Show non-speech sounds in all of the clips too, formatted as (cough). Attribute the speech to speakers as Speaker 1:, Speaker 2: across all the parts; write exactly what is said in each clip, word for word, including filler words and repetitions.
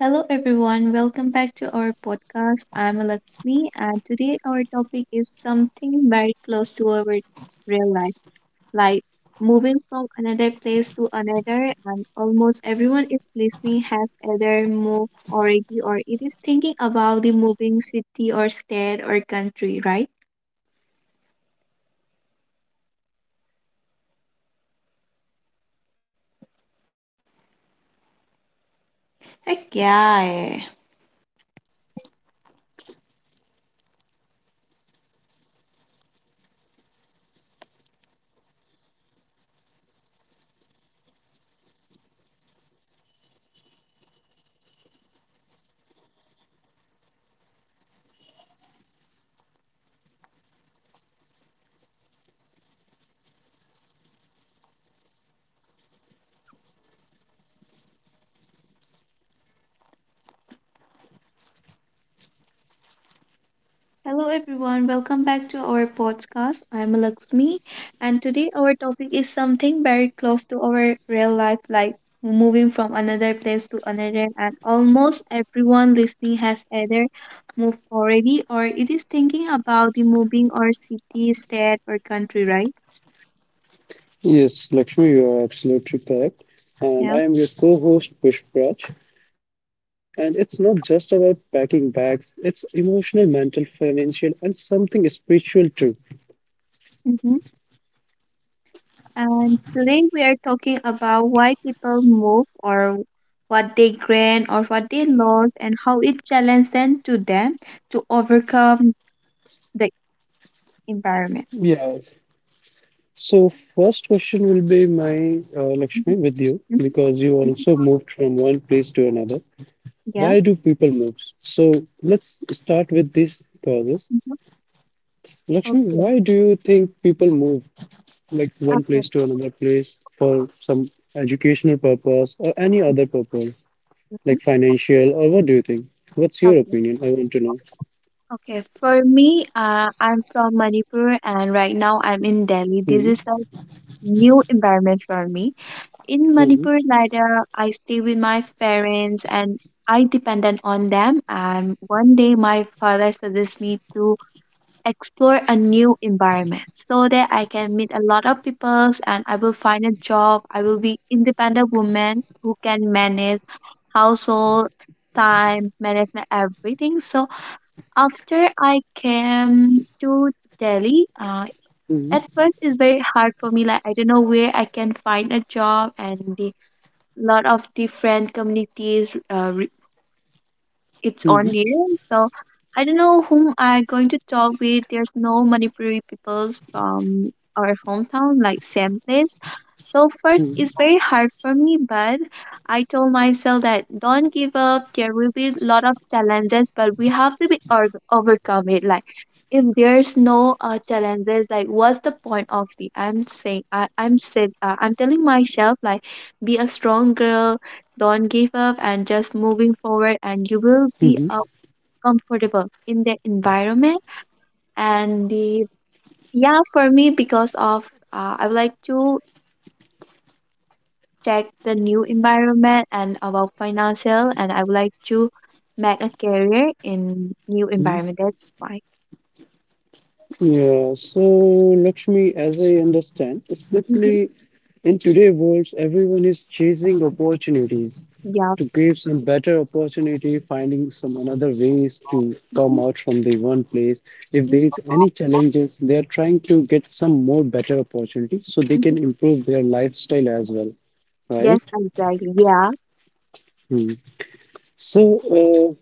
Speaker 1: Hello, everyone. Welcome back to our podcast. I'm Alakshmi, and today our topic is something very close to our real life, like moving from another place to another. And almost everyone is listening has either moved already or it is thinking about the moving city or state or country, right? Heck yeah, hello everyone, welcome back to our podcast. I am Lakshmi and today our topic is something very close to our real life like moving from another place to another and almost everyone listening has either moved already or it is thinking about the moving or city, state or country, right?
Speaker 2: Yes, Lakshmi, you are absolutely correct. And
Speaker 1: Yeah.
Speaker 2: I am your co-host Pushpraj. And it's not just about packing bags, it's emotional, mental, financial, and something spiritual too.
Speaker 1: Mm-hmm. And today we are talking about why people move or what they gain or what they lost and how it challenged them to them to overcome the environment.
Speaker 2: Yeah. So first question will be my uh, Lakshmi
Speaker 1: Mhm,
Speaker 2: with you
Speaker 1: mhm,
Speaker 2: because you
Speaker 1: mhm.
Speaker 2: also moved from one place to another.
Speaker 1: Yeah.
Speaker 2: Why do people move? So let's start with these causes.
Speaker 1: Mhm.
Speaker 2: Lakshmi,
Speaker 1: Okay,
Speaker 2: why do you think people move? Like one
Speaker 1: okay,
Speaker 2: place to another place for some educational purpose or any other purpose,
Speaker 1: mhm,
Speaker 2: like financial, or what do you think? What's your
Speaker 1: okay,
Speaker 2: opinion? I want to know.
Speaker 1: okay. For me, uh, I'm from Manipur and right now I'm in Delhi. This
Speaker 2: Mm-hmm.
Speaker 1: is a new environment for me. In Manipur, like, uh, I stay with my parents and I dependent on them. And one day, my father suggests me to explore a new environment so that I can meet a lot of peoples and I will find a job. I will be independent woman who can manage household time management everything. So after I came to Delhi, uh,
Speaker 2: Mm-hmm.
Speaker 1: at first it's very hard for me. Like I don't know where I can find a job and the lot of different communities uh, it's on
Speaker 2: Mm-hmm.
Speaker 1: the so I don't know whom I going to talk with. There's no Manipuri peoples from our hometown, like same place. So first,
Speaker 2: Mm-hmm.
Speaker 1: it's very hard for me, but I told myself that don't give up. There will be a lot of challenges, but we have to be or- overcome it. Like if there's no uh, challenges, like what's the point of the? I'm saying I, I'm said uh, I'm telling myself like be a strong girl don't give up and just moving forward, and you will
Speaker 2: Mm-hmm.
Speaker 1: be uh, comfortable in the environment. And the yeah, for me, because of uh, I would like to check the new environment and about financial, and I would like to make a career in new environment. That's why.
Speaker 2: Yeah, so Lakshmi, as I understand,
Speaker 1: Mhm.
Speaker 2: especially in today's world, everyone is chasing opportunities
Speaker 1: Yeah.
Speaker 2: to give some better opportunity, finding some another ways to come
Speaker 1: Mhm.
Speaker 2: out from the one place. If there
Speaker 1: Mhm.
Speaker 2: is any challenges, they are trying to get some more better opportunity so they
Speaker 1: Mhm.
Speaker 2: can improve their lifestyle as well, right?
Speaker 1: Yes, exactly. Yeah.
Speaker 2: Hmm. So, uh,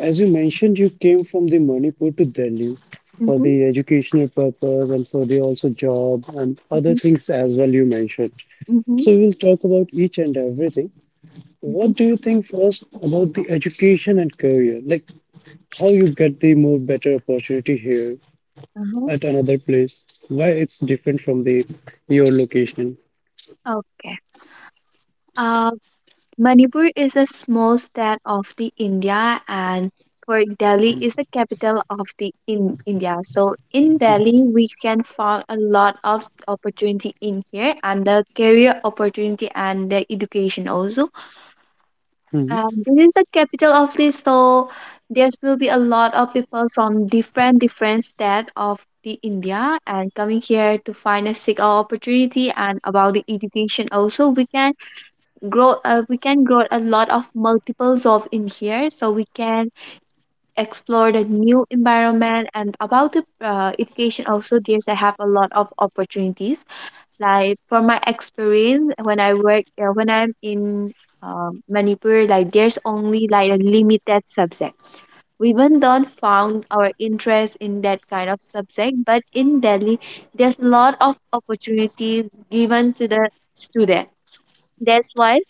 Speaker 2: As you mentioned, you came from the Manipur to Delhi for
Speaker 1: Mm-hmm.
Speaker 2: the educational purpose and for the also job and other
Speaker 1: Mm-hmm.
Speaker 2: things as well you mentioned.
Speaker 1: Mm-hmm.
Speaker 2: So we'll talk about each and everything.
Speaker 1: Mm-hmm.
Speaker 2: What do you think first about the education and career? Like how you get the more better opportunity here
Speaker 1: Uh-huh.
Speaker 2: at another place? Why it's different from the your location?
Speaker 1: Okay. Um, Manipur is a small state of the India and Port Delhi is the capital of the in India. So in Delhi we can find a lot of opportunity in here and the career opportunity and the education also.
Speaker 2: Mhm,
Speaker 1: Um, this is the capital of this so there will be a lot of people from different different state of the India and coming here to find a seek our opportunity and about the education also we can grow uh, we can grow a lot of multiples of in here so we can explore the new environment and about the uh, education also there's I have a lot of opportunities like from my experience when I work uh, when I'm in um, manipur like there's only like a limited subject we even don't found our interest in that kind of subject but in delhi there's a lot of opportunities given to the student that's why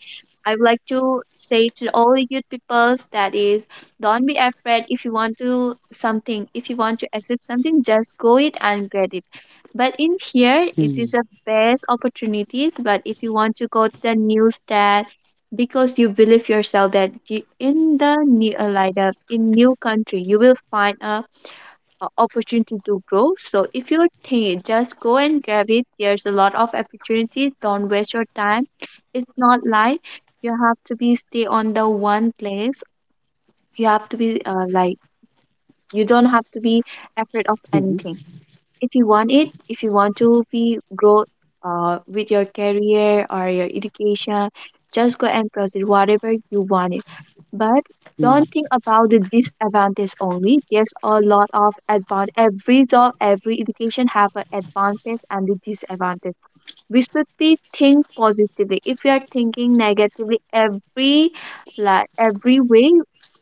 Speaker 1: I would like to say to all the youth peoples that is, don't be afraid if you want to something, if you want to accept something, just go it and get it. But in here, it
Speaker 2: mhm,
Speaker 1: is the best opportunities. But if you want to go to the new state, because you believe yourself that you, in the new uh, like the, in new country, you will find a uh, opportunity to grow. So if you think just go and grab it, there's a lot of opportunities. Don't waste your time. It's not like you have to be stay on the one place. You have to be uh, like you don't have to be afraid of
Speaker 2: mhm,
Speaker 1: anything if you want it if you want to be grow uh, with your career or your education just go and pursue whatever you want it but don't think about the disadvantage only there's a lot of advantage every job every education have an advantage and the disadvantage we should be think positively if we are thinking negatively every like every way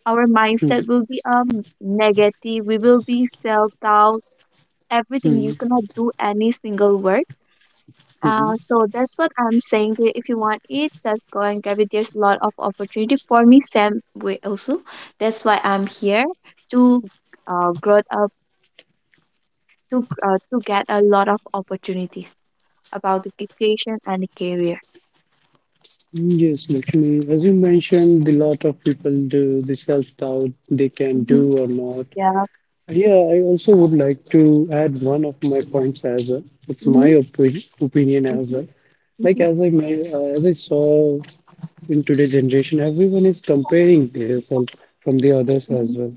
Speaker 1: our
Speaker 2: mhm,
Speaker 1: mindset will be um negative we will be self-doubt everything. You
Speaker 2: mhm,
Speaker 1: cannot do any single work.
Speaker 2: mhm.
Speaker 1: Uh, so that's what I'm saying. That if you want it, just go and grab it. There's a lot of opportunity for me, same way also. That's why I'm here to uh, grow up to uh, to get a lot of opportunities about education and career.
Speaker 2: Yes, Lakshmi, as you mentioned, a lot of people do the self-doubt they can
Speaker 1: Mm-hmm.
Speaker 2: do or not.
Speaker 1: Yeah.
Speaker 2: Yeah, I also would like to add one of my points as well. It's
Speaker 1: Mm-hmm.
Speaker 2: my opi- opinion as
Speaker 1: Mm-hmm.
Speaker 2: well. Like,
Speaker 1: Mm-hmm.
Speaker 2: as I ma- uh, as I saw in today's generation, everyone is comparing themselves from
Speaker 1: Mm-hmm.
Speaker 2: the others as well.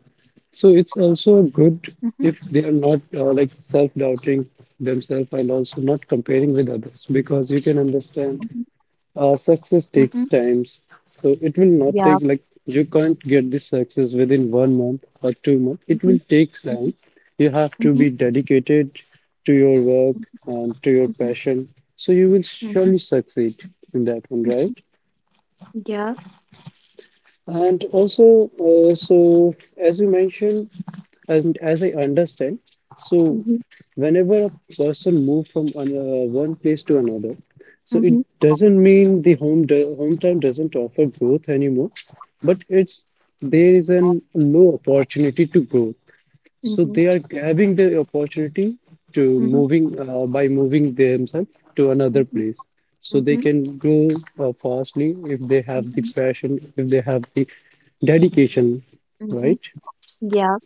Speaker 2: So it's also
Speaker 1: Mm-hmm.
Speaker 2: good if they are not uh, like self-doubting themselves and also not comparing with others, because you can
Speaker 1: Mm-hmm.
Speaker 2: understand uh,
Speaker 1: Mm-hmm.
Speaker 2: success takes times, so it
Speaker 1: Yeah.
Speaker 2: will not take like you can't get this success within one month or two
Speaker 1: Mm-hmm.
Speaker 2: months. It will
Speaker 1: Mm-hmm.
Speaker 2: take time. You
Speaker 1: Mm-hmm.
Speaker 2: have to be dedicated to your
Speaker 1: Mm-hmm.
Speaker 2: work and to
Speaker 1: Mm-hmm.
Speaker 2: your passion, so you will
Speaker 1: Mm-hmm.
Speaker 2: surely succeed in that one,
Speaker 1: Mm-hmm.
Speaker 2: right?
Speaker 1: Yeah.
Speaker 2: And also, uh, so as you mentioned, and as I understand, so
Speaker 1: Mm-hmm.
Speaker 2: whenever a person moves from an, uh, one place to another, so
Speaker 1: Mm-hmm.
Speaker 2: it doesn't mean the home do hometown doesn't offer growth anymore, but it's there is an low opportunity to grow. So
Speaker 1: Mm-hmm.
Speaker 2: they are grabbing the opportunity to
Speaker 1: Mm-hmm.
Speaker 2: moving uh, by moving themselves to another
Speaker 1: Mm-hmm.
Speaker 2: place. So they
Speaker 1: Mhm,
Speaker 2: can grow uh, fastly if they have the
Speaker 1: mhm,
Speaker 2: passion, if they have the dedication,
Speaker 1: mhm.
Speaker 2: right?
Speaker 1: Yeah.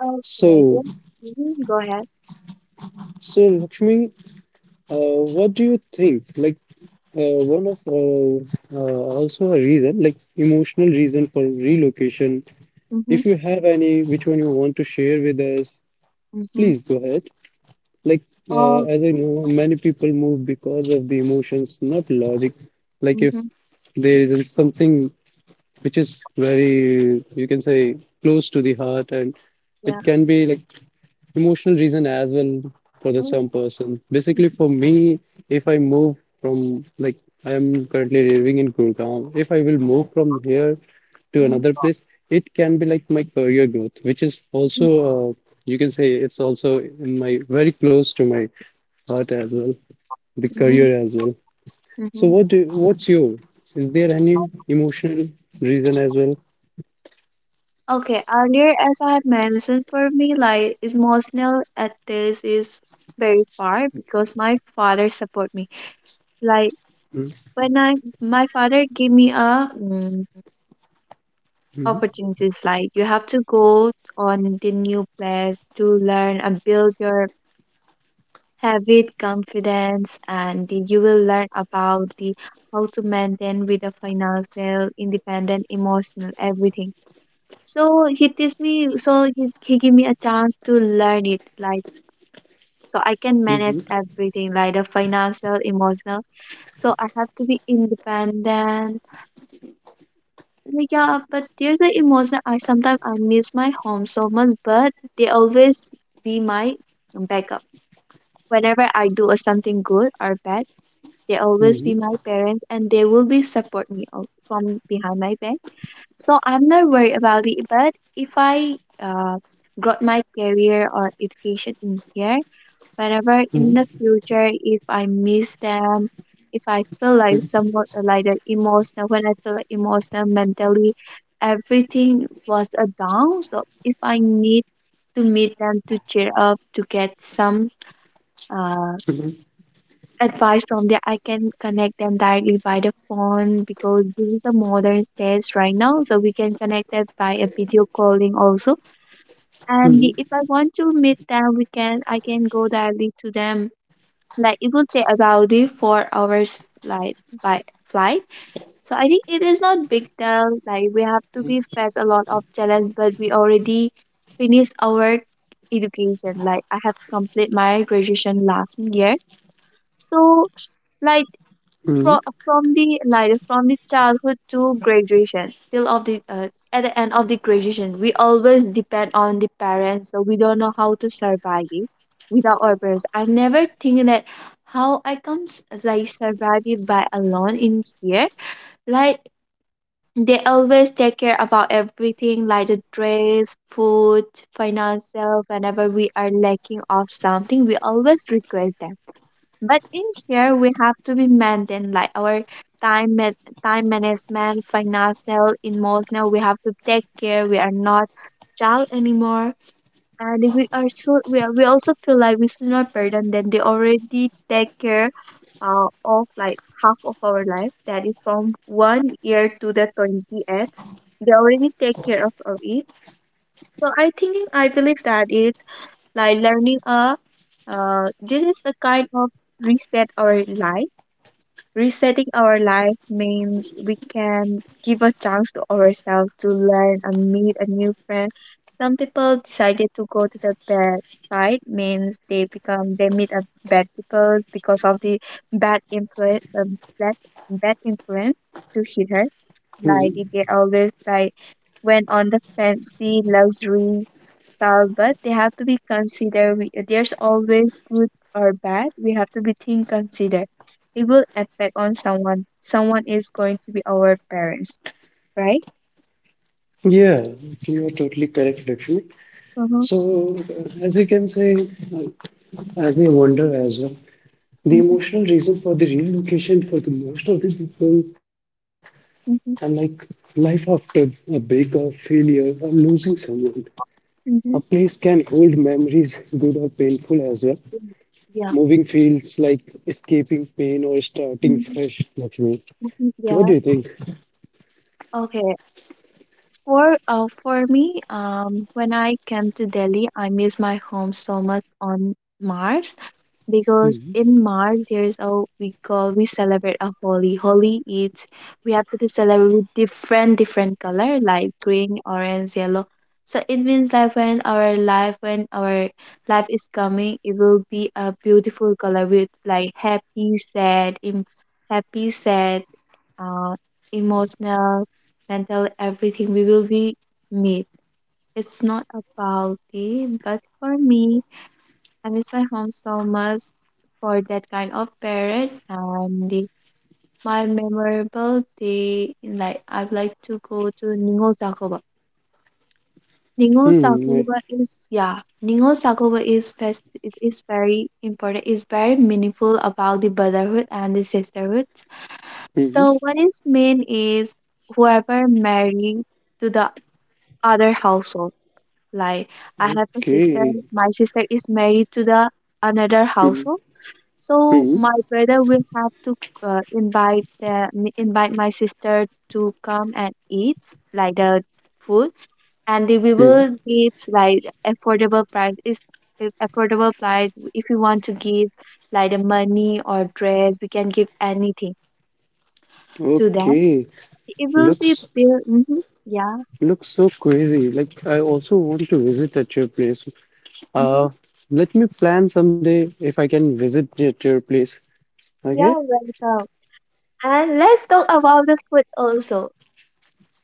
Speaker 1: Okay,
Speaker 2: So
Speaker 1: yes. Mhm, go ahead.
Speaker 2: So, Lakshmi, uh, what do you think? Like, uh, one of uh, uh, also a reason, like emotional reason for relocation.
Speaker 1: Mhm,
Speaker 2: If you have any, which one you want to share with us,
Speaker 1: mhm,
Speaker 2: please go ahead. Like, uh,
Speaker 1: um,
Speaker 2: as I know, many people move because of the emotions, not logic. Like, if
Speaker 1: mhm.
Speaker 2: there is something which is very, you can say, close to the heart, and
Speaker 1: Yeah.
Speaker 2: it can be like emotional reason as well for the
Speaker 1: Mm,
Speaker 2: some person. Basically, for me, if I move from like I am currently living in Gurgaon, if I will move from here to
Speaker 1: mhm,
Speaker 2: another place, it can be like my career growth, which is
Speaker 1: mhm,
Speaker 2: also uh, you can say it's also in my very close to my heart as well, the
Speaker 1: mhm,
Speaker 2: career as well. So
Speaker 1: mhm.
Speaker 2: what do, what's your? Is there any emotional reason as well?
Speaker 1: Okay, earlier, as I have mentioned, for me, like emotional at this is very far because my father support me. Like when I, my father give me a mm,
Speaker 2: Mm-hmm.
Speaker 1: opportunities, like you have to go on the new place to learn and build your have it confidence and you will learn about the how to maintain with the financial independent emotional everything so he teach me so he, he give me a chance to learn it like so I can
Speaker 2: Mm-hmm.
Speaker 1: manage everything like the financial emotional so I have to be independent. Like, yeah but there's the emotional I sometimes I miss my home so much but they always be my backup whenever I do a something good or bad they always be my
Speaker 2: Mm-hmm.
Speaker 1: parents and they will be support me al- from behind my back so I'm not worried about it but if I uh, got my career or education in here whenever in the future if I miss them if I feel like somewhat uh, like the emotional when I feel like emotional mentally everything was a down so if I need to meet them to cheer up to get some uh
Speaker 2: Mm-hmm.
Speaker 1: advice from there I can connect them directly by the phone because this is a modern space right now so we can connect them by a video calling also and the, if I want to meet them we can I can go directly to them like it will take about the four hours like by flight so I think it is not big deal like we have to be face a lot of challenge but we already finished our education like I have complete my graduation last year
Speaker 2: Hmm.
Speaker 1: so like from from the like from the childhood to graduation till of the uh, at the end of the graduation we always depend on the parents so we don't know how to survive it without our parents I never think that how I come s- like survive it by alone in here like
Speaker 2: Hmm.
Speaker 1: they always take care about everything like the dress food financial whenever we are lacking of something we always request them but in here, we have to be maintained like our time man- time management, financial, emotional. We have to take care. We are not child anymore, and if we are so we are, we also feel like we should not burden them. They already take care, uh, of like half of our life. That is from one year to the twenty-eighth. They already take care of, of it. So I thinking I believe that it's like learning a uh, this is a kind of reset our life. Resetting our life means we can give a chance to ourselves to learn and meet a new friend. Some people decided to go to the bad side means they become they meet a bad people because of the bad influence um, bad, bad influence to hit her
Speaker 2: Hmm.
Speaker 1: like they always like went on the fancy luxury style, but they have to be considered. We, there's always good or bad. We have to be think considered. It will affect on someone. Someone is going to be our parents, right?
Speaker 2: Yeah, you are totally correct, Lakshmi.
Speaker 1: Mm-hmm.
Speaker 2: So, uh, as you can say, uh, as they wonder as well, the
Speaker 1: Mm-hmm.
Speaker 2: emotional reason for the relocation for the most of the people are like
Speaker 1: Mm-hmm.
Speaker 2: life after a breakup, failure, or losing someone. A
Speaker 1: Mm-hmm.
Speaker 2: place can hold memories, good or painful as well.
Speaker 1: Yeah.
Speaker 2: Moving feels like escaping pain or starting
Speaker 1: Mm-hmm.
Speaker 2: fresh, Lakshmi.
Speaker 1: Mhm,
Speaker 2: What do
Speaker 1: yeah.
Speaker 2: you think?
Speaker 1: Okay. For uh for me, um when I came to Delhi, I miss my home so much on Mars.
Speaker 2: Hmm.
Speaker 1: Because in March there's a we call we celebrate a holy. Holy is we have to celebrate with different different color like green, orange, yellow. So it means like when our life when our life is coming, it will be a beautiful color with like happy, sad, em- happy, sad, uh, emotional, mental, everything. We will be meet. It's not about it, but for me, I miss my home so much for that kind of parent and the, my memorable day in like I would like to go to Ningol Sakoba. Ningol
Speaker 2: Hmm. I-
Speaker 1: Sakoba is yeah, Ningol Sakoba is fest it is very important, it's very meaningful about the brotherhood and the sisterhood.
Speaker 2: hmm.
Speaker 1: So what is main is whoever married to the other household. Like I have a sister,
Speaker 2: Okay.
Speaker 1: my sister is married to the another
Speaker 2: Hmm.
Speaker 1: household. So
Speaker 2: Hmm.
Speaker 1: my brother will have to uh, invite the, invite my sister to come and eat like the food, and they- we
Speaker 2: Hmm.
Speaker 1: will give like affordable price. Is if affordable price if you want to give like the money or dress, we can give anything to them.
Speaker 2: Okay,
Speaker 1: It will be
Speaker 2: looks
Speaker 1: built. hmm yeah.
Speaker 2: looks so crazy. Like I also want to visit at your place.
Speaker 1: hmm
Speaker 2: Uh, Let me plan someday if I can visit at your place.
Speaker 1: yeah.
Speaker 2: Okay.
Speaker 1: Welcome. And let's talk about the food also.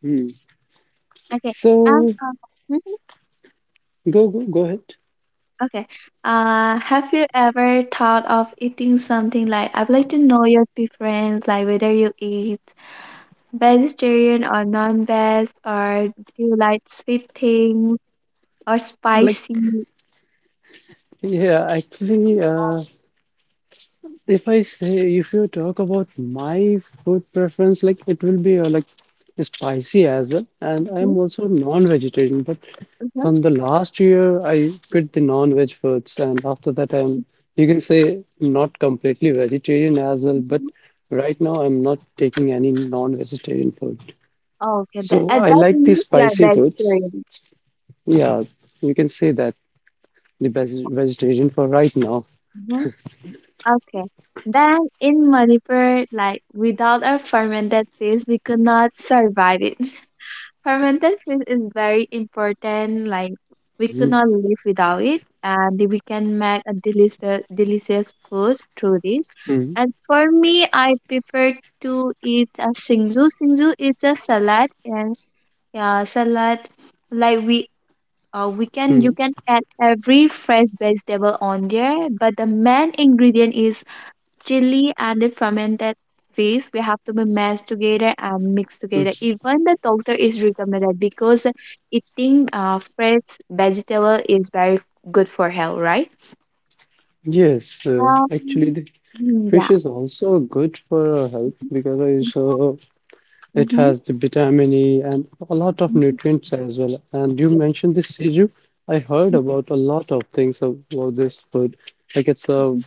Speaker 2: Hmm.
Speaker 1: Okay. And.
Speaker 2: So go go go ahead.
Speaker 1: Okay. Uh, have you ever thought of eating something like I'd like to know your preference, like whether you eat vegetarian or non-veg, or do you like sweet things or
Speaker 2: Like,
Speaker 1: spicy?
Speaker 2: yeah, actually, uh, if I say if you talk about my food preference, like it will be uh, like spicy as well, and
Speaker 1: Mhm,
Speaker 2: I'm also non-vegetarian, but
Speaker 1: mhm,
Speaker 2: from the last year, I quit the non-veg foods, and after that, I'm, you can say, not completely vegetarian as well, but
Speaker 1: mhm.
Speaker 2: right now I'm not taking any non-vegetarian food.
Speaker 1: Okay,
Speaker 2: So
Speaker 1: that, uh,
Speaker 2: I
Speaker 1: that
Speaker 2: like the
Speaker 1: means you're
Speaker 2: spicy foods.
Speaker 1: vegetarian.
Speaker 2: Yeah, you can say that the best vegetarian for right now.
Speaker 1: Mhm. Okay. Then in Manipur, like without a fermented fish, we could not survive it. (laughs) For mental space is very important. Like we
Speaker 2: Mhm,
Speaker 1: could not live without it, and we can make a delicious, delicious food through this.
Speaker 2: mhm,
Speaker 1: As for me, I prefer to eat a singju. Singju is a salad, and yeah, salad like we. Uh, we can You
Speaker 2: mhm,
Speaker 1: can add every fresh vegetable on there, but the main ingredient is chili and the fermented fish. We have to be mashed together and mixed together.
Speaker 2: mhm.
Speaker 1: Even the doctor is recommended because eating uh, fresh vegetable is very good for health, right?
Speaker 2: Yes, uh,
Speaker 1: um,
Speaker 2: actually, the
Speaker 1: mm, yeah.
Speaker 2: fish is also good for our health
Speaker 1: Mm-hmm.
Speaker 2: because I saw it has the vitamin E and a lot of nutrients as well. And you
Speaker 1: Yeah.
Speaker 2: mentioned this Seju. I heard
Speaker 1: Mhm.
Speaker 2: about a lot of things about this food. Like, it's a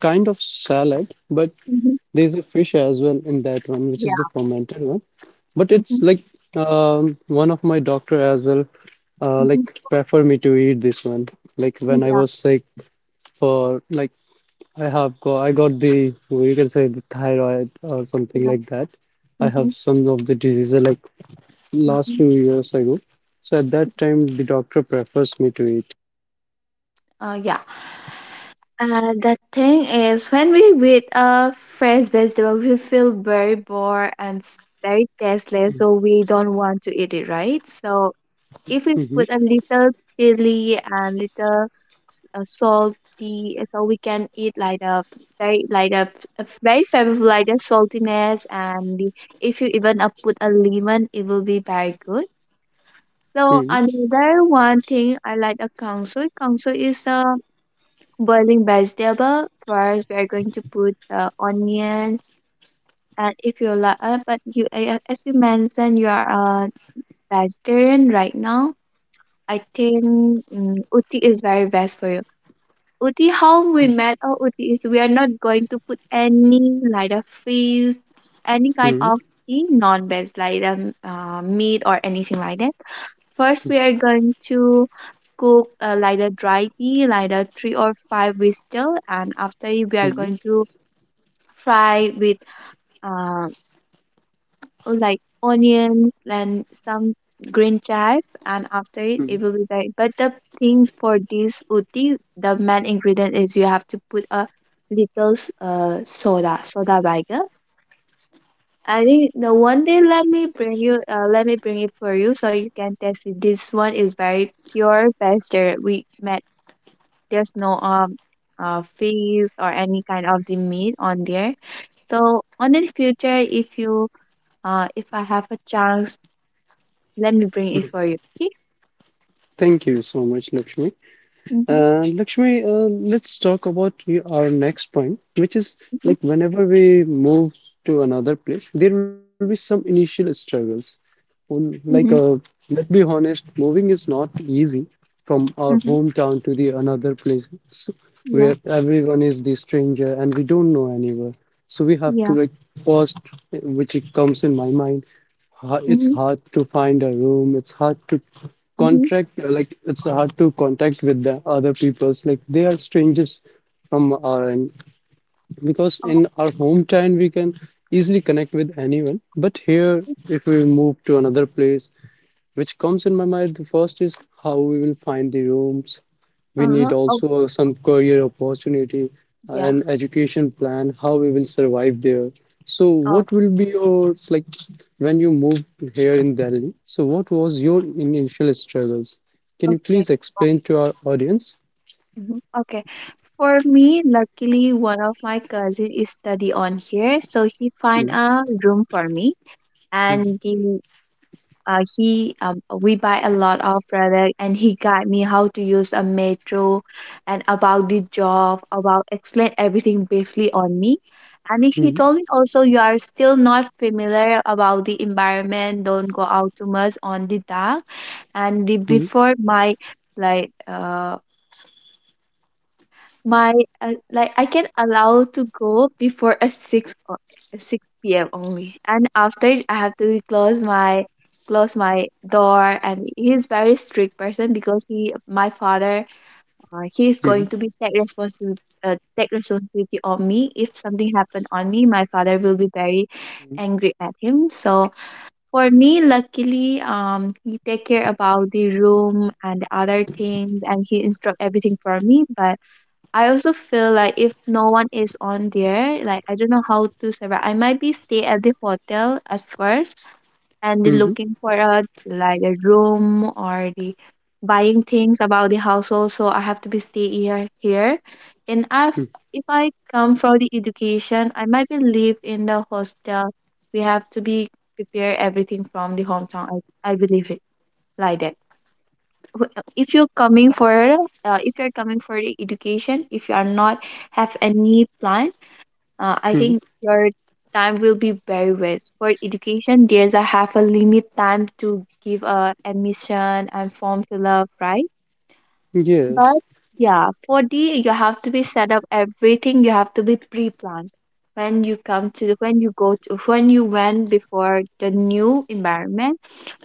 Speaker 2: kind of salad, but
Speaker 1: Mhm.
Speaker 2: there's a fish as well in that one, which
Speaker 1: Yeah.
Speaker 2: is the fermented one. But it's
Speaker 1: Mhm.
Speaker 2: like, um, one of my doctor as well, uh,
Speaker 1: Mhm.
Speaker 2: like prefer me to eat this one. Like when I
Speaker 1: Yeah.
Speaker 2: was sick, for like I have got I got the you can say the thyroid or something
Speaker 1: Yeah.
Speaker 2: like that. I have
Speaker 1: Mhm.
Speaker 2: some of the diseases like last
Speaker 1: Mhm.
Speaker 2: few years ago. So at that time, the doctor prefers me to eat.
Speaker 1: Uh, yeah. Uh, the thing is, when we eat a fresh vegetable, we feel very bored and s- very tasteless, so we don't want to eat it, right? So if we
Speaker 2: Mhm,
Speaker 1: put a little chili and little s- uh, salty, so we can eat like a very like a a very flavorful like a saltiness, and the, if you even uh, put a lemon, it will be very good. So
Speaker 2: mhm,
Speaker 1: another one thing I like a kangsu. Kangsu is a boiling vegetable. First we are going to put uh, onion, and if you like uh, but you uh, as you mentioned, you are a vegetarian right now. I think mm uti is very best for you. Uti, how we met our uti is we are not going to put any like a fish, any kind
Speaker 2: mhm,
Speaker 1: of tea non-veg like um, uh, meat or anything like that. First, we are going to cook uh, like a dry pea, like a three or five whistle, and after it, we are
Speaker 2: mhm,
Speaker 1: going to fry with uh, like onion and some green chive, and after it,
Speaker 2: mhm.
Speaker 1: it will be like. But the thing for this uti, the main ingredient is you have to put a little s- uh, soda, soda vinegar. I think the one day let me bring you uh, let me bring it for you so you can taste it. This one is very pure pastry we made. There's no um uh fees or any kind of the meat on there. So on the future, if you uh if I have a chance, let me bring it for you. Okay?
Speaker 2: Thank you so much, Lakshmi.
Speaker 1: Mm-hmm.
Speaker 2: Uh, Lakshmi, uh, let's talk about y- our next point, which is
Speaker 1: Mm-hmm.
Speaker 2: like whenever we move to another place, there will be some initial struggles. Well, like,
Speaker 1: Mm-hmm.
Speaker 2: uh, let's be honest, moving is not easy from our
Speaker 1: Mm-hmm.
Speaker 2: hometown to the another place,
Speaker 1: Yeah.
Speaker 2: where everyone is the stranger and we don't know anywhere, so we have
Speaker 1: Yeah.
Speaker 2: to like first, which it comes in my mind, ha-
Speaker 1: Mm-hmm.
Speaker 2: it's hard to find a room, it's hard to
Speaker 1: Mm-hmm.
Speaker 2: contract, like it's hard to contact with the other peoples, like they are strangers from our end, because
Speaker 1: Oh,
Speaker 2: in our hometown we can easily connect with anyone, but here, if we move to another place, which comes in my mind the first is how we will find the rooms. We need
Speaker 1: uh-huh. Oh,
Speaker 2: also some career opportunity, uh,
Speaker 1: yeah.
Speaker 2: an education plan, how we will survive there. So what
Speaker 1: Oh,
Speaker 2: will be your like when you moved here in Delhi, so what was your initial struggles? Can you please
Speaker 1: okay.
Speaker 2: explain to our audience?
Speaker 1: Mm-hmm. Okay. For me, luckily, one of my cousin is study on here, so he find
Speaker 2: Mhm,
Speaker 1: a room for me,
Speaker 2: mhm,
Speaker 1: and the uh, he um, we buy a lot of product, and he guide me how to use a metro and about the job, about explain everything briefly on me. And he
Speaker 2: mhm,
Speaker 1: told me also, you are still not familiar about the environment, don't go out too much on the dark. And the, before my like uh, my uh, like I can allow to go before a six o- six p m only, and after it, I have to close my close my door. And he's very strict person because he my father uh, he is
Speaker 2: mhm,
Speaker 1: going to be take responsibility, uh, take responsibility on me if something happened on me. My father will be very angry at him. So for me, luckily, um, he take care about the room and the other things, and he instruct everything for me. But I also feel like if no one is on there, like I don't know how to survive. I might be stay at the hotel at first and then
Speaker 2: mhm,
Speaker 1: looking for a like a room or the buying things about the household. So I have to be stay here here. And
Speaker 2: mhm,
Speaker 1: if if I come from the education, I might be live in the hostel. We have to be prepare everything from the hometown. I, I believe it like that w- if you're coming for uh, if you're coming for the education, if you are not have any plan, uh, I
Speaker 2: mhm.
Speaker 1: think your time will be very waste for education. There's a half a limit time to give a admission and form fill up, right? But
Speaker 2: Yes.
Speaker 1: yeah, for the you have to be set up everything. You have to be pre-planned when you come to when you go to when you went before the new environment.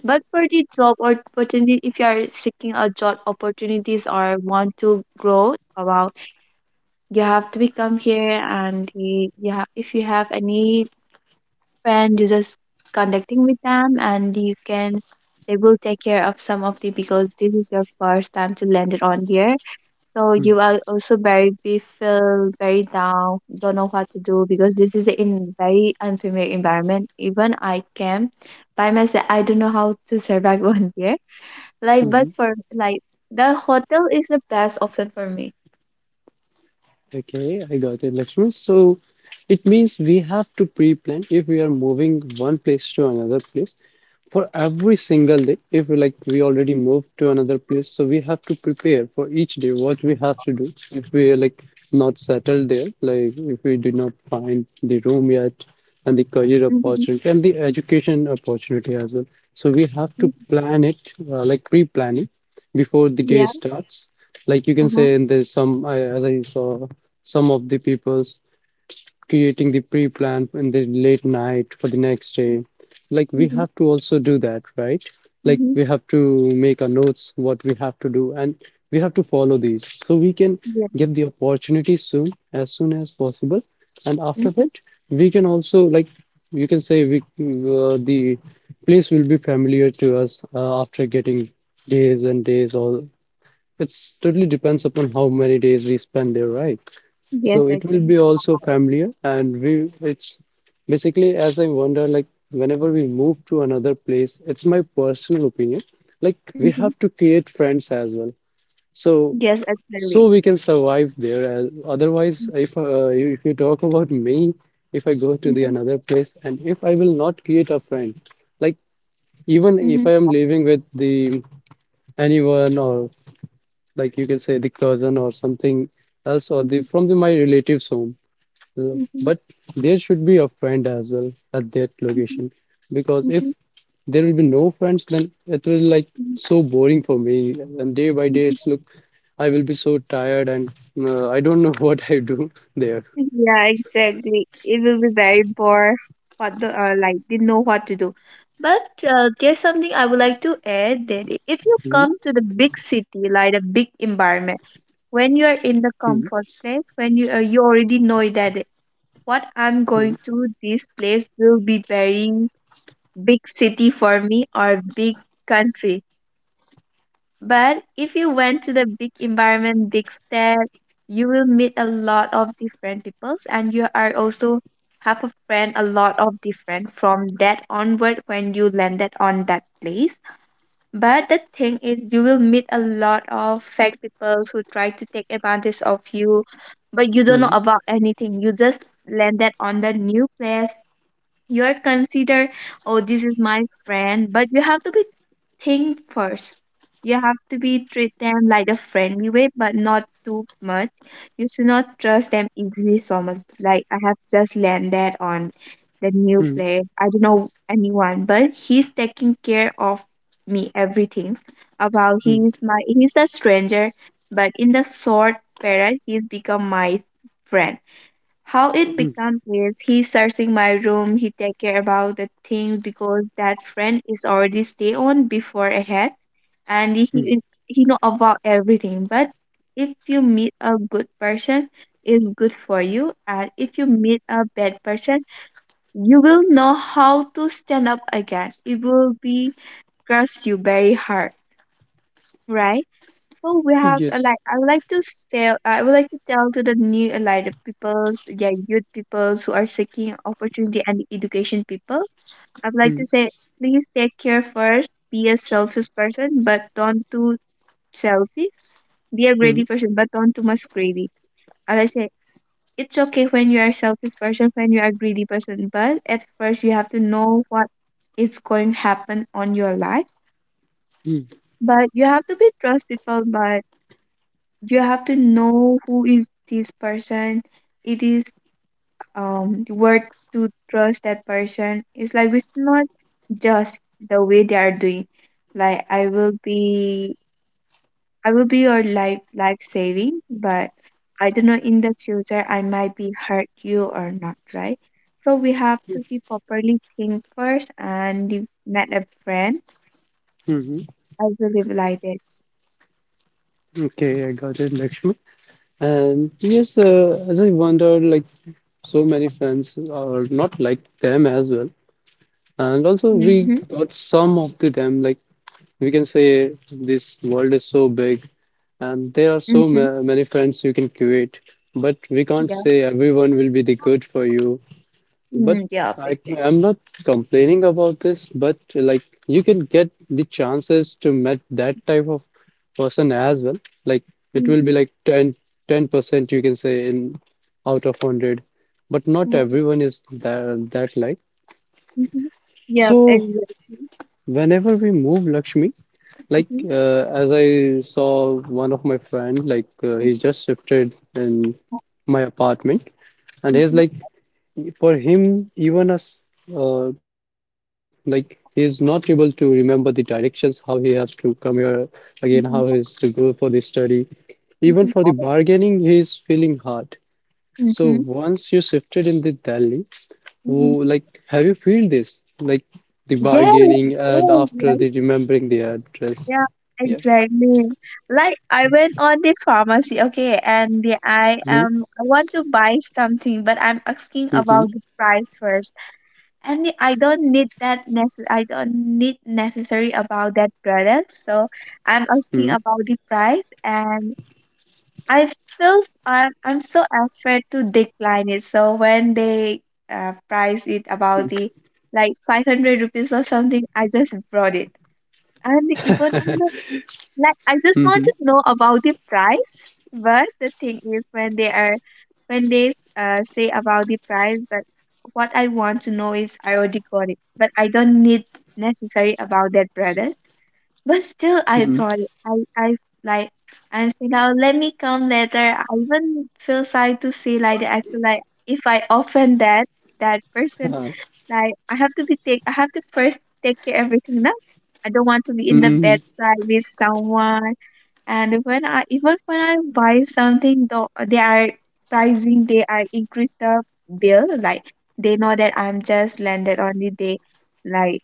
Speaker 1: But for the job opportunity, if you are seeking a job opportunities or want to grow about, you have to become here and the, yeah, if you have any friend, you just connecting with them, and you can they will take care of some of the, because this is your first time to land it on there. So you
Speaker 2: Mm-hmm.
Speaker 1: are also very be feel very down, don't know what to do, because this is in very unfamiliar environment. Even I came by myself, I don't know how to survive (laughs) on there. Like but
Speaker 2: Mm-hmm.
Speaker 1: for like the hotel is the best option for me.
Speaker 2: Okay, I got it, Lakshmi. So it means we have to pre-plan if we are moving one place to another place. For every single day, if like we already moved to another place, so we have to prepare for each day what we have to do if we are like not settled there, like if we do not find the room yet and the career
Speaker 1: Mm-hmm.
Speaker 2: opportunity and the education opportunity as well, so we have to plan it, uh, like pre-plan it before
Speaker 1: Yeah.
Speaker 2: the day starts. Like you can
Speaker 1: Uh-huh.
Speaker 2: say in there's some I, as I saw some of the people's creating the pre-plan in the late night for the next day. Like we
Speaker 1: Mm-hmm.
Speaker 2: have to also do that, right? Like
Speaker 1: Mm-hmm.
Speaker 2: we have to make our notes what we have to do, and we have to follow these so we can
Speaker 1: Yes.
Speaker 2: get the opportunity soon, as soon as possible. And after
Speaker 1: Mm-hmm.
Speaker 2: that, we can also, like you can say, we uh, the place will be familiar to us uh, after getting days and days, or it's totally depends upon how many days we spend there, right? So
Speaker 1: Yes
Speaker 2: it
Speaker 1: I
Speaker 2: will
Speaker 1: can.
Speaker 2: be also familiar, and we it's basically, as I wonder, like whenever we move to another place, it's my personal opinion, like we have to create friends as well. So
Speaker 1: Yes, exactly.
Speaker 2: so we can survive there. as- Otherwise, if uh, if you talk about me, if I go to the
Speaker 1: Mhm,
Speaker 2: another place and if I will not create a friend, like
Speaker 1: mhm,
Speaker 2: even
Speaker 1: mhm,
Speaker 2: if I am living with the anyone, or like you can say the cousin or something else or
Speaker 1: mhm,
Speaker 2: the from the my relatives home, uh,
Speaker 1: mhm,
Speaker 2: But there should be a friend as well at that
Speaker 1: mhm,
Speaker 2: location, because
Speaker 1: mhm,
Speaker 2: if there will be no friends, then it will like
Speaker 1: mhm,
Speaker 2: so boring for me. And day by day,
Speaker 1: mhm.
Speaker 2: it's look, I will be so tired and, uh, I don't know (laughs) what I do there.
Speaker 1: Yeah, exactly. It will be very bored. What the uh, like they know what to do, but uh, there's something I would like to add that i- if you
Speaker 2: Mm,
Speaker 1: come to the big city, like a big environment, when you are
Speaker 2: mm,
Speaker 1: in the comfort place, when you uh, you already know that what I'm going
Speaker 2: mm,
Speaker 1: to this place will be very big city for me or big country. But if you went to the big environment, big set, you will meet a lot of different peoples, and you are also have a friend a lot of different from that onward when you landed on that place. But the thing is you will meet a lot of fake peoples who try to take advantage of you, but you don't know
Speaker 2: mm,
Speaker 1: about anything. You just landed on the new place, you're consider, oh, this is my friend, but you have to be think first. You have to be treat them like a friendly way, but not too much. You should not trust them easily so much. Like I have just landed on the new
Speaker 2: mm,
Speaker 1: place. I don't know anyone, but he's taking care of me everything about,
Speaker 2: mm,
Speaker 1: he's my he's a stranger, but in the short period he's become my friend. How it
Speaker 2: mm,
Speaker 1: becomes? Is he searching my room, he take care about the thing, because that friend is already stay on before ahead and he
Speaker 2: mm.
Speaker 1: is- he know about everything. But if you meet a good person, it's good for you, and if you meet a bad person, you will know how to stand up again. It will be trust you very hard. Right. So we have uh,
Speaker 2: Yes.
Speaker 1: like I would like to tell I would like to tell to the new uh, like the peoples, yeah, youth peoples who are seeking opportunity and education people. I would like
Speaker 2: Mm,
Speaker 1: to say, please take care first, be a selfish person, but don't too selfish. Be a
Speaker 2: mm,
Speaker 1: greedy person, but don't too much greedy. As I say, it's okay when you are a selfish person, when you are a greedy person, but at first you have to know what is going to happen on your life.
Speaker 2: mm.
Speaker 1: But you have to be trust people by you have to know who is this person. It is um worth to trust that person. It's like it's not just the way they are doing, like i will be I will be your life life saving, but I don't know in the future I might be hurt you or not, right? So we have to be properly think first and if not a friend.
Speaker 2: Hmm.
Speaker 1: I believe like that.
Speaker 2: Okay, I got it, Lakshmi. And yes, uh, as I wondered, like so many friends are not like them as well. And
Speaker 1: Mm-hmm,
Speaker 2: also, we got some of the them, like we can say this world is so big and there
Speaker 1: mm-hmm,
Speaker 2: are so ma many friends you can create, but we
Speaker 1: yeah.
Speaker 2: can't say everyone will be the good for you.
Speaker 1: Mm,
Speaker 2: But
Speaker 1: yeah, okay.
Speaker 2: I, I'm not complaining about this, but like you can get the chances to meet that type of person as well. Like it
Speaker 1: Mm-hmm.
Speaker 2: will be like ten ten percent you can say in out of one hundred, but not everyone is that, that like.
Speaker 1: Mhm. Yep,
Speaker 2: So
Speaker 1: exactly.
Speaker 2: whenever we move, Lakshmi, like
Speaker 1: Mhm.
Speaker 2: uh, as I saw one of my friend, like uh, he just shifted in my apartment, and he's
Speaker 1: Mhm.
Speaker 2: like, for him, even as, uh, like he's not able to remember the directions, how he has to come here again, how he
Speaker 1: Mhm.
Speaker 2: is to go for the study, even
Speaker 1: Mhm.
Speaker 2: for the bargaining, he's feeling hard. So
Speaker 1: Mhm.
Speaker 2: once you shifted in the Delhi, oh,
Speaker 1: Mhm.
Speaker 2: like have you feel this? Like the
Speaker 1: Yes,
Speaker 2: bargaining and
Speaker 1: yes,
Speaker 2: after the
Speaker 1: yes.
Speaker 2: remembering the address.
Speaker 1: Yeah,
Speaker 2: Yeah.
Speaker 1: exactly. Like I went on the pharmacy, okay, and the, I
Speaker 2: Mm-hmm.
Speaker 1: am I want to buy something, but I'm asking
Speaker 2: Mm-hmm.
Speaker 1: about the price first. And the, I don't need that necess I don't need necessary about that product, so I'm asking about the price and I feel s- I'm, I'm so afraid to decline it. So when they uh, price it about the like five hundred rupees or something, I just brought it. And even,
Speaker 2: Mm-hmm. (laughs)
Speaker 1: on the like, I
Speaker 2: Mm-hmm.
Speaker 1: just want to know about the price. But the thing is, when they are when they uh, say about the price. But what I want to know is I already got it, but I don't need necessary about that brother. But still, I brought it. I, I like, and say now let me come later. I even feel sorry to say like that. I feel like if I offend that that person, like I have to be take. I have to first take care everything now. I don't want to be in the
Speaker 2: Mm-hmm.
Speaker 1: bedside with someone. And when I even when I buy something, though uh, they are pricing, they are increase the bill. Like they know that I'm just landed only. They, like,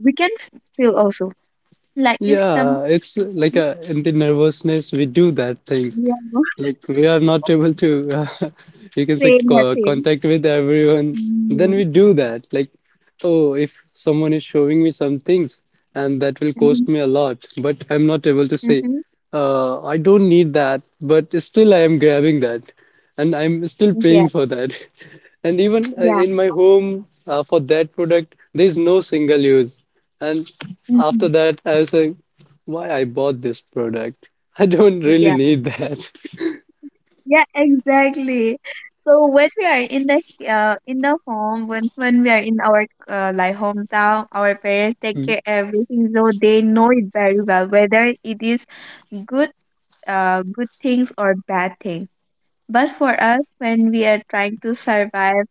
Speaker 1: we can feel also, like it's some.
Speaker 2: Yeah, it's like a, in the nervousness, we do that thing.
Speaker 1: Yeah,
Speaker 2: Like we are not able to, uh, (laughs) you can say,
Speaker 1: same as
Speaker 2: co
Speaker 1: him.
Speaker 2: contact with everyone. Then
Speaker 1: Mm-hmm.
Speaker 2: we do that. Like, oh, if someone is showing me some things and that will
Speaker 1: Mm-hmm.
Speaker 2: cost me a lot, but I'm not able to
Speaker 1: Mm-hmm.
Speaker 2: say, uh, I don't need that, but still I am grabbing that and I'm still
Speaker 1: Yeah,
Speaker 2: paying for that. (laughs) And even uh,
Speaker 1: yeah,
Speaker 2: in my home, uh, for that product, there's no single use. And
Speaker 1: mm-hmm.
Speaker 2: after that, I was like, why I bought this product? (laughs) I don't really
Speaker 1: Yeah,
Speaker 2: need that. (laughs)
Speaker 1: yeah, exactly. So when we are in the h- uh, in the home, when when we are in our uh, like hometown, our parents take
Speaker 2: Mm,
Speaker 1: care everything, so they know it very well whether it is good uh good things or bad thing. But for us, when we are trying to survive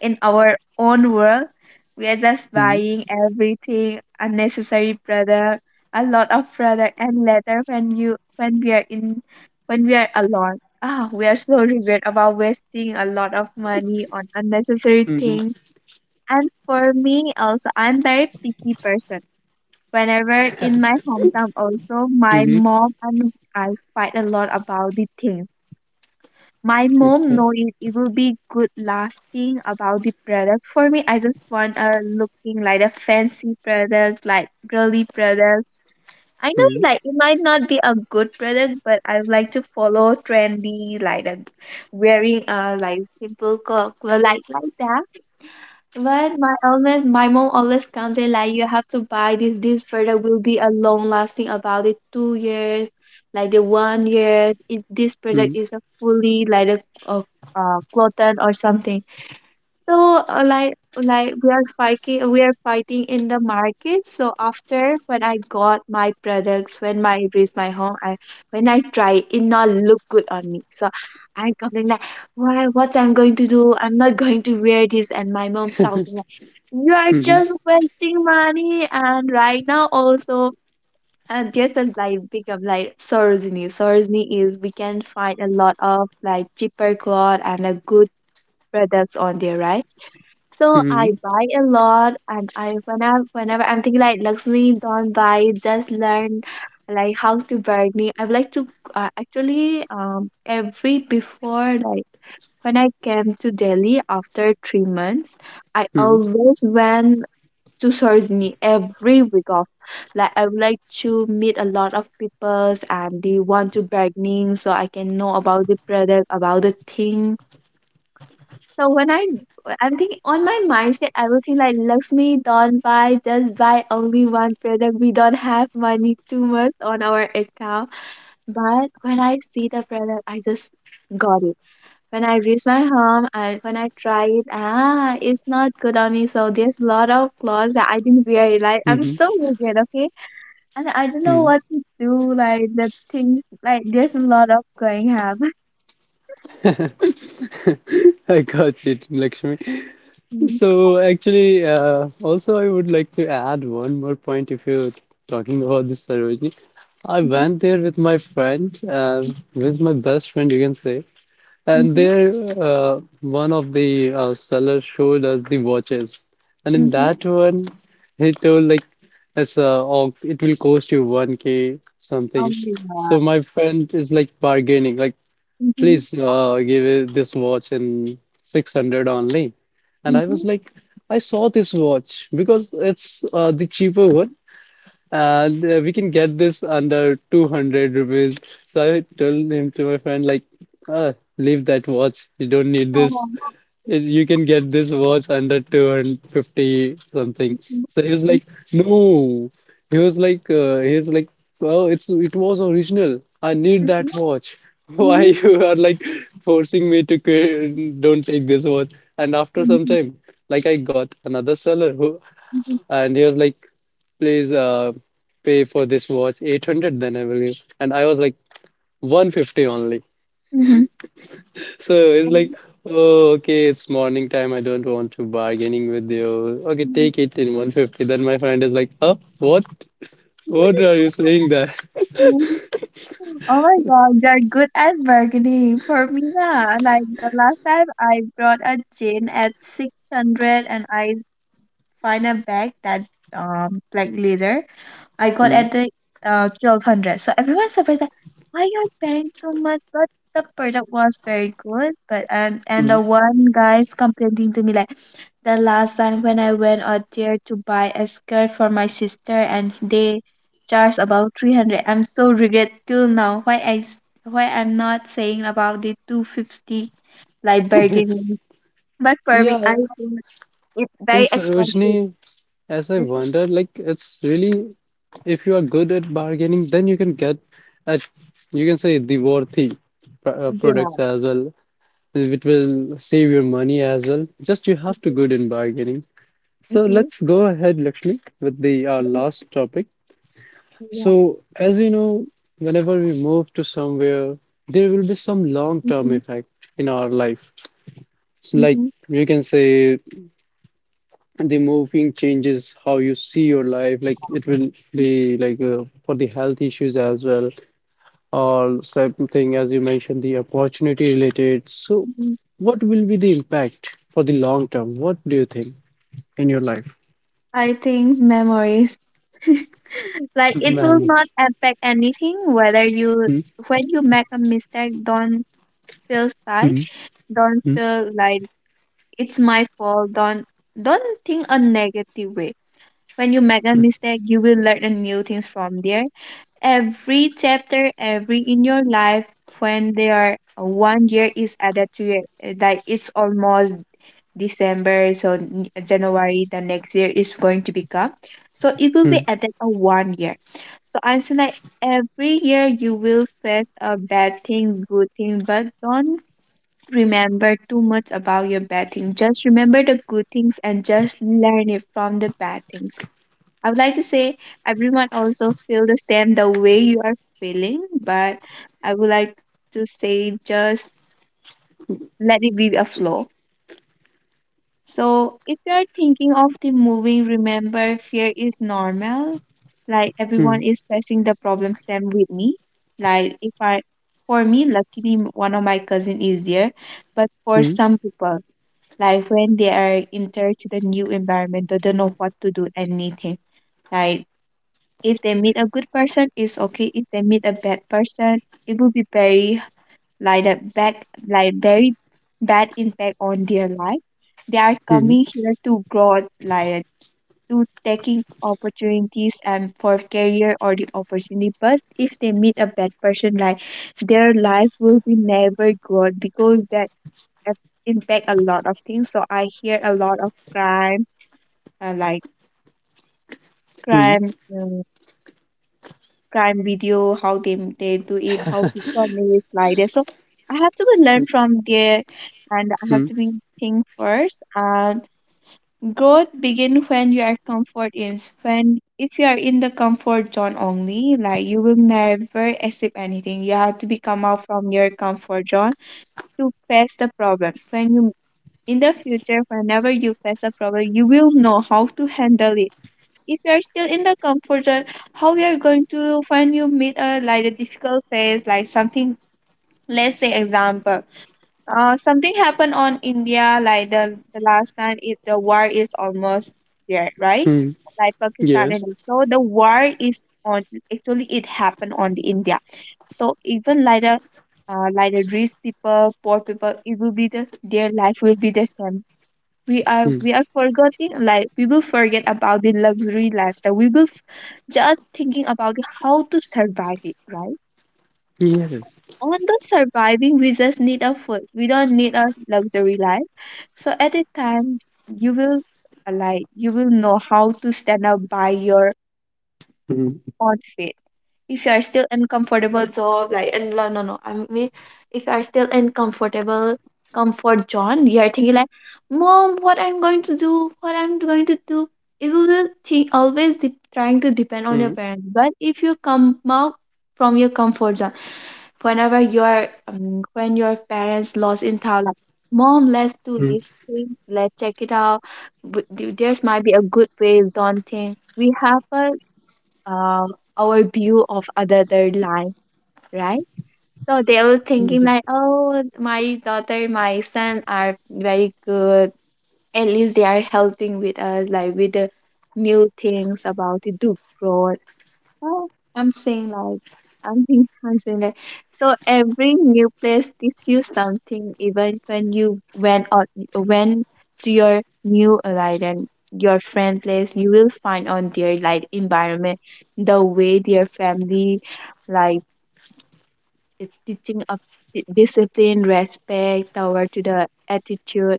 Speaker 1: in our own world. We are just
Speaker 2: mm,
Speaker 1: buying everything, unnecessary product, a lot of product, and later when you when we are in when we are alone, ah, we are so regret about wasting a lot of money on unnecessary
Speaker 2: mhm,
Speaker 1: things. And for me also, I'm very picky person. Whenever in my hometown also, my
Speaker 2: mhm.
Speaker 1: mom and I fight a lot about the things. My mom
Speaker 2: Okay.
Speaker 1: know it, it will be good lasting about the product. For me, I just want a looking like a fancy product, like girly product. I know it,
Speaker 2: Mm,
Speaker 1: like it might not be a good product, but I would like to follow trendy, like uh, wearing a like simple clothes, like like that. But my always my mom always comes in like, you have to buy this this product will be a long lasting about it two years, like the one years. If this product
Speaker 2: mm,
Speaker 1: is a fully like a, a uh, cotton or something. So, uh, like like we are fighting we are fighting in the market. So after when I got my products, when my it reached my home, I when I try it it not look good on me. So I complain complaining like, why what I'm going to do? I'm not (laughs) going to wear this. And my mom shouting like, you are
Speaker 2: mhm,
Speaker 1: just wasting money and right now also. And just a like big up like Sorosini. Sorosini is we can find a lot of like cheaper cloth and a good products on there, right? So I
Speaker 2: mhm,
Speaker 1: buy a lot, and I when I whenever I'm thinking like, Lakshmi, don't buy, just learn like how to bargaining. I would like to uh, actually, um every before, like when I came to Delhi after three months, I
Speaker 2: mhm,
Speaker 1: always went to Sarojini every week off. Like I would like to meet a lot of peoples and they want to bargaining, so I can know about the product, about the thing. So when I I'm thinking on my mindset, I will think like, Lakshmi, don't buy, just buy only one product. We don't have money too much on our account. But when I see the product, I just got it. When I reach my home and when I try it, ah, it's not good on me. So there's a lot of clothes that I didn't wear. it. Like I'm
Speaker 2: mhm,
Speaker 1: so wicked, okay? And I don't know what to do. Like the thing, like there's a lot of going happen.
Speaker 2: mhm. (laughs) I got it, Lakshmi.
Speaker 1: (laughs)
Speaker 2: So actually, uh, also I would like to add one more point if you're talking about this Sarojini. I
Speaker 1: Mm-hmm,
Speaker 2: went there with my friend, uh, with my best friend, you can say. And
Speaker 1: mm-hmm,
Speaker 2: there, uh, one of the uh, sellers showed us the watches, and in
Speaker 1: mm-hmm.
Speaker 2: that one, he told like it's uh, oh, it will cost you one k
Speaker 1: Oh
Speaker 2: something.
Speaker 1: my
Speaker 2: So
Speaker 1: god.
Speaker 2: my friend is like bargaining, like
Speaker 1: Mm-hmm.
Speaker 2: please uh, give it this watch in six hundred only. And I was
Speaker 1: Mhm.
Speaker 2: like, I saw this watch because it's uh, the cheaper one, and uh, we can get this under two hundred rupees. So I told him to my friend, like, ah, leave that watch. You don't need this. It- You can get this watch under two hundred fifty something.
Speaker 1: Mhm.
Speaker 2: So he was
Speaker 1: Mhm.
Speaker 2: like, no. He was like, uh, he was like, well, it's it was original. I need that watch. (laughs) Why you are like forcing me to quit, don't take this watch? And after some
Speaker 1: Mhm.
Speaker 2: time, like I got another seller who,
Speaker 1: Mhm.
Speaker 2: and he was like, please uh, pay for this watch eight hundred then I will give. And I was like one fifty only.
Speaker 1: Mhm.
Speaker 2: So it's like, oh, okay, it's morning time. I don't want to bargaining with you. Okay, take it in one fifty. Then my friend is like, oh, what? What are
Speaker 1: (laughs)
Speaker 2: you saying that? (laughs)
Speaker 1: Oh my god, you're good at bargaining. For me, nah. Like the last time I brought a gin at six hundred, and I find a bag that, um black leather, I got
Speaker 2: Mm,
Speaker 1: at the uh, twelve hundred. So everyone's surprised that why you're paying too much, but the product was very good. But and and the
Speaker 2: mm.
Speaker 1: one guy's complaining to me like, the last time when I went out there to buy a skirt for my sister and they charged about three hundred. I'm so regret till now why I s- why I'm not saying about the two fifty, like bargaining.
Speaker 2: (laughs)
Speaker 1: But for me, I
Speaker 2: Yeah,
Speaker 1: think it's
Speaker 2: in
Speaker 1: very expensive.
Speaker 2: Sarojini, as I
Speaker 1: Mhm.
Speaker 2: wondered, like it's really if you are good at bargaining, then you can get at you can say the worthy pr- uh,
Speaker 1: Yeah.
Speaker 2: products as well. It will save your money as well. Just you have to
Speaker 1: Mhm.
Speaker 2: good in bargaining. So
Speaker 1: Mhm.
Speaker 2: let's go ahead, Lakshmi, with the our last topic.
Speaker 1: Mhm.
Speaker 2: So as you know, whenever we move to somewhere, there will be some
Speaker 1: Mhm,
Speaker 2: long-term effect in our life. So
Speaker 1: mhm,
Speaker 2: like you can say the moving changes how you see your life. Like it will
Speaker 1: mm,
Speaker 2: be like uh, for the health issues as well, or something as you mentioned the opportunity related. So
Speaker 1: mhm.
Speaker 2: what will be the impact for the long term, what do you think in your life,
Speaker 1: I think memories. (laughs) Like it will
Speaker 2: ma'am?
Speaker 1: not affect anything whether
Speaker 2: (laughs)
Speaker 1: you
Speaker 2: Hmm,
Speaker 1: when you make a mistake, don't feel sad, don't
Speaker 2: hmm,
Speaker 1: feel like it's my fault. Don't don't think a negative way. When you make a mistake, you will learn a new things from there. Every chapter, every in your life, when they are uh, one year is added to your uh, like it's almost December, so n- eh, January the next year is going to become. So it will
Speaker 2: hmm,
Speaker 1: be added a one year. So I'm saying like every year you will face a bad thing, good thing, but don't remember too much about your bad thing. Just remember the good things and just learn it from the bad things. I would like to say everyone also feel the same the way you are feeling, but I would like to say just let it be a flow. So if you are thinking of the movie, remember, fear is normal. Like everyone
Speaker 2: hmm,
Speaker 1: is facing the problem same with me. Like if I for me, luckily, m- one of my cousin is there, but for
Speaker 2: hmm,
Speaker 1: some people, like when they are enter to the new environment, they don't know what to do, anything. Like if they meet a good person, it's okay. If they meet a bad person, it will be very like a bad, like very bad impact on their life. They are
Speaker 2: hmm,
Speaker 1: coming here to grow, like to taking opportunities and for career or the opportunity. But if they meet a bad person, like their life will be never grow, because that has impact a lot of things. So I hear a lot of crime, uh, like
Speaker 2: hmm,
Speaker 1: crime. Um, crime video, how they they do it,
Speaker 2: hmm.
Speaker 1: how to
Speaker 2: (laughs)
Speaker 1: thumbnails like that. So I have to be learn from there, and I have
Speaker 2: Hmm,
Speaker 1: to be think first. And growth begin when you are comfort is when, if you are in the comfort zone only, like, you will never escape anything. You have to be come out from your comfort zone to face the problem. When you in the future, whenever you face a problem, you will know how to handle it. If you are still in the comfort zone, how we are going to find you meet a like a difficult phase, like something. Let's say example, uh, something happened on India like the, the last time. It The war is almost there, right?
Speaker 2: hmm,
Speaker 1: Like
Speaker 2: yeah,
Speaker 1: Pakistan and so the war is on. Actually, it happened on the India. So even like the uh, like the rich people, poor people, it will be the their life will be the same. we are
Speaker 2: hmm,
Speaker 1: we are forgetting, like we will forget about the luxury lifestyle, we will f- just thinking about how to survive it, right?
Speaker 2: yes.
Speaker 1: On the surviving, we just need a food, we don't need a luxury life. So at the time, you will, uh, like, you will know how to stand up by your own feet. If you are still uncomfortable zone, like, and no, no, no, I mean, if you are still uncomfortable comfort zone, you are thinking like, mom, what I'm going to do, what I'm going to do. It will think always, de- trying to depend on your parents. But if you come out from your comfort zone, whenever you are um, when your parents lost in town, like, mom, let's do
Speaker 2: Hmm.
Speaker 1: these things, let's check it out. W- there's might be a good ways. Don't think we have a uh, our view of other their life, right? So they were thinking
Speaker 2: Mhm.
Speaker 1: like, oh, my daughter, my son are very good. At least they are helping with us, like with the new things about to do. Oh, I'm saying like (laughs) I'm being I'm saying that. So every new place teaches you something, even when you went out, went to your new island, your friend place, you will find on their like environment the way their family like is teaching of di- discipline, respect, toward to the attitude.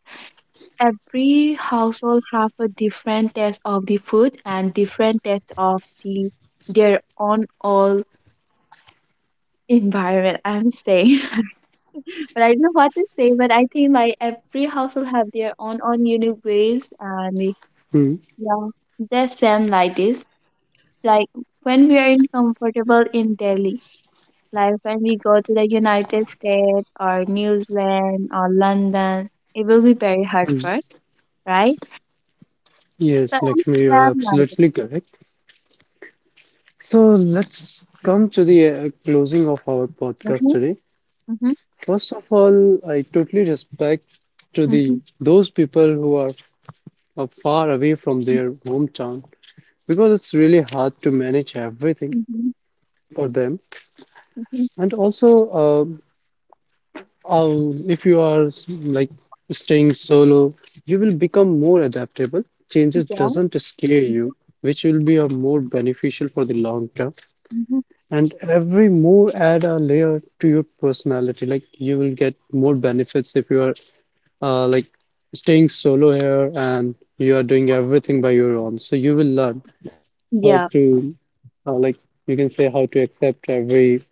Speaker 1: Every household have a different taste of the food and different taste of the their own all. Environment I'm staying. (laughs) But I don't know what to say, but I think like every household have their own own unique ways, and the-
Speaker 2: Hmm.
Speaker 1: yeah, they're same like this. Like when we are in comfortable in Delhi, like when we go to the United States or New Zealand or London, it will be very hard
Speaker 2: Hmm.
Speaker 1: first, right? So
Speaker 2: Yes,
Speaker 1: I'm
Speaker 2: Lakshmi, you are
Speaker 1: same like this.
Speaker 2: absolutely correct. So let's come to the uh, closing of our podcast
Speaker 1: Mm-hmm,
Speaker 2: today. First of all, I totally respect to
Speaker 1: mm-hmm,
Speaker 2: the those people who are uh, far away from
Speaker 1: mm-hmm,
Speaker 2: their hometown because it's really hard to manage everything
Speaker 1: mm-hmm,
Speaker 2: for them.
Speaker 1: mm-hmm,
Speaker 2: And also, uh, Um, if you are s- like staying solo, you will become more adaptable. Changes
Speaker 1: yeah,
Speaker 2: doesn't scare you, which will be a more beneficial for the long term.
Speaker 1: mm-hmm,
Speaker 2: And every move add a layer to your personality. Like you will get more benefits if you are uh, like staying solo here and you are doing everything by your own. So you will learn how
Speaker 1: yeah,
Speaker 2: to uh, like you can say how to accept every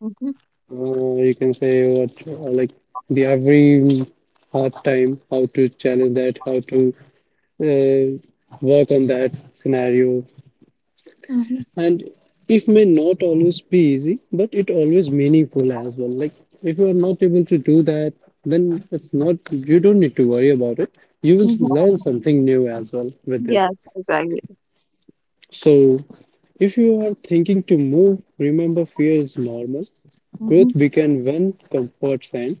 Speaker 1: mm-hmm,
Speaker 2: uh, you can say what uh, like the every hard time, how to challenge that, how to uh, work on that scenario,
Speaker 1: mm-hmm,
Speaker 2: and it may not always be easy, but it always meaningful as well. Like if you are not able to do that, then it's not, you don't need to worry about it. You will
Speaker 1: mm-hmm.
Speaker 2: learn something new as well with this.
Speaker 1: Yes, exactly.
Speaker 2: So if you are thinking to move, remember fear is normal. Growth
Speaker 1: Mhm,
Speaker 2: began when comforts end.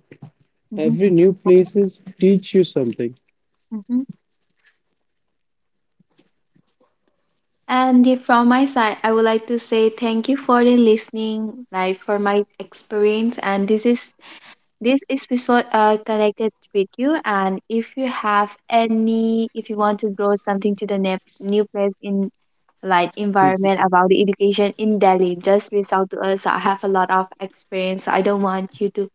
Speaker 1: mhm,
Speaker 2: Every new places teach you something.
Speaker 1: mhm. And yeah, from my side, I would like to say thank you for the listening, like for my experience. And this is this is episode uh, connected with you. And if you have any, if you want to grow something to the ne- new place in like environment
Speaker 2: Mhm,
Speaker 1: about the education in Delhi, just reach out to us. I have a lot of experience. So I don't want you to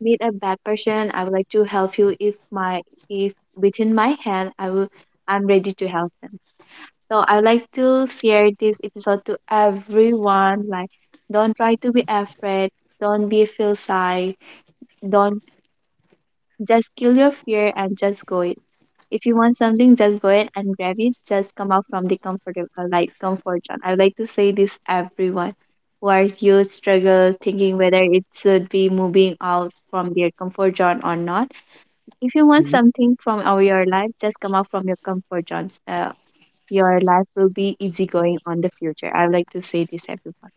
Speaker 1: meet a bad person. I would like to help you. If my if within my hand, I will. I'm ready to help them. So I'd like to share this episode to everyone. Like, don't try to be afraid. Don't be feel shy. Don't just kill your fear and just go it. If you want something, just go it and grab it. Just come out from the comfortable, like comfort zone. I'd like to say this everyone who are you struggle thinking whether it should be moving out from their comfort zone or not. If you want
Speaker 2: mhm.
Speaker 1: something from our your life, just come out from your comfort zone. Uh, your life will be easygoing on the future. I like to say this, everyone.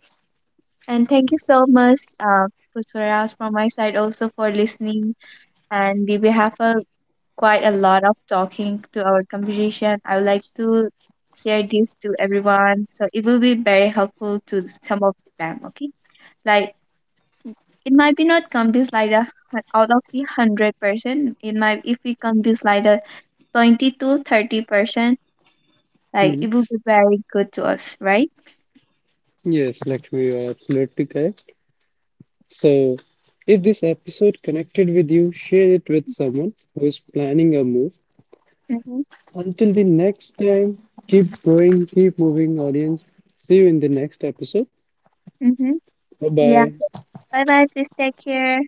Speaker 1: And thank you so much, uh, Pushparas, from my side also for listening. And we we have a, quite a lot of talking to our conversation. I would like to share this to everyone, so it will be very helpful to some of them. Okay, like it might be not convince like a hun- out of the hundred percent, it might, if we convince like a twenty to thirty percent, like
Speaker 2: Mhm.
Speaker 1: it will be very good to us, right?
Speaker 2: Yes, Lakshmi, you are absolutely correct. So, if this episode connected with you, share it with someone who is planning a move. Until the next time, keep growing, keep moving, audience. See you in the next episode.
Speaker 1: Mm-hmm.
Speaker 2: Bye
Speaker 1: Yeah.
Speaker 2: bye.
Speaker 1: Bye bye. Please take care.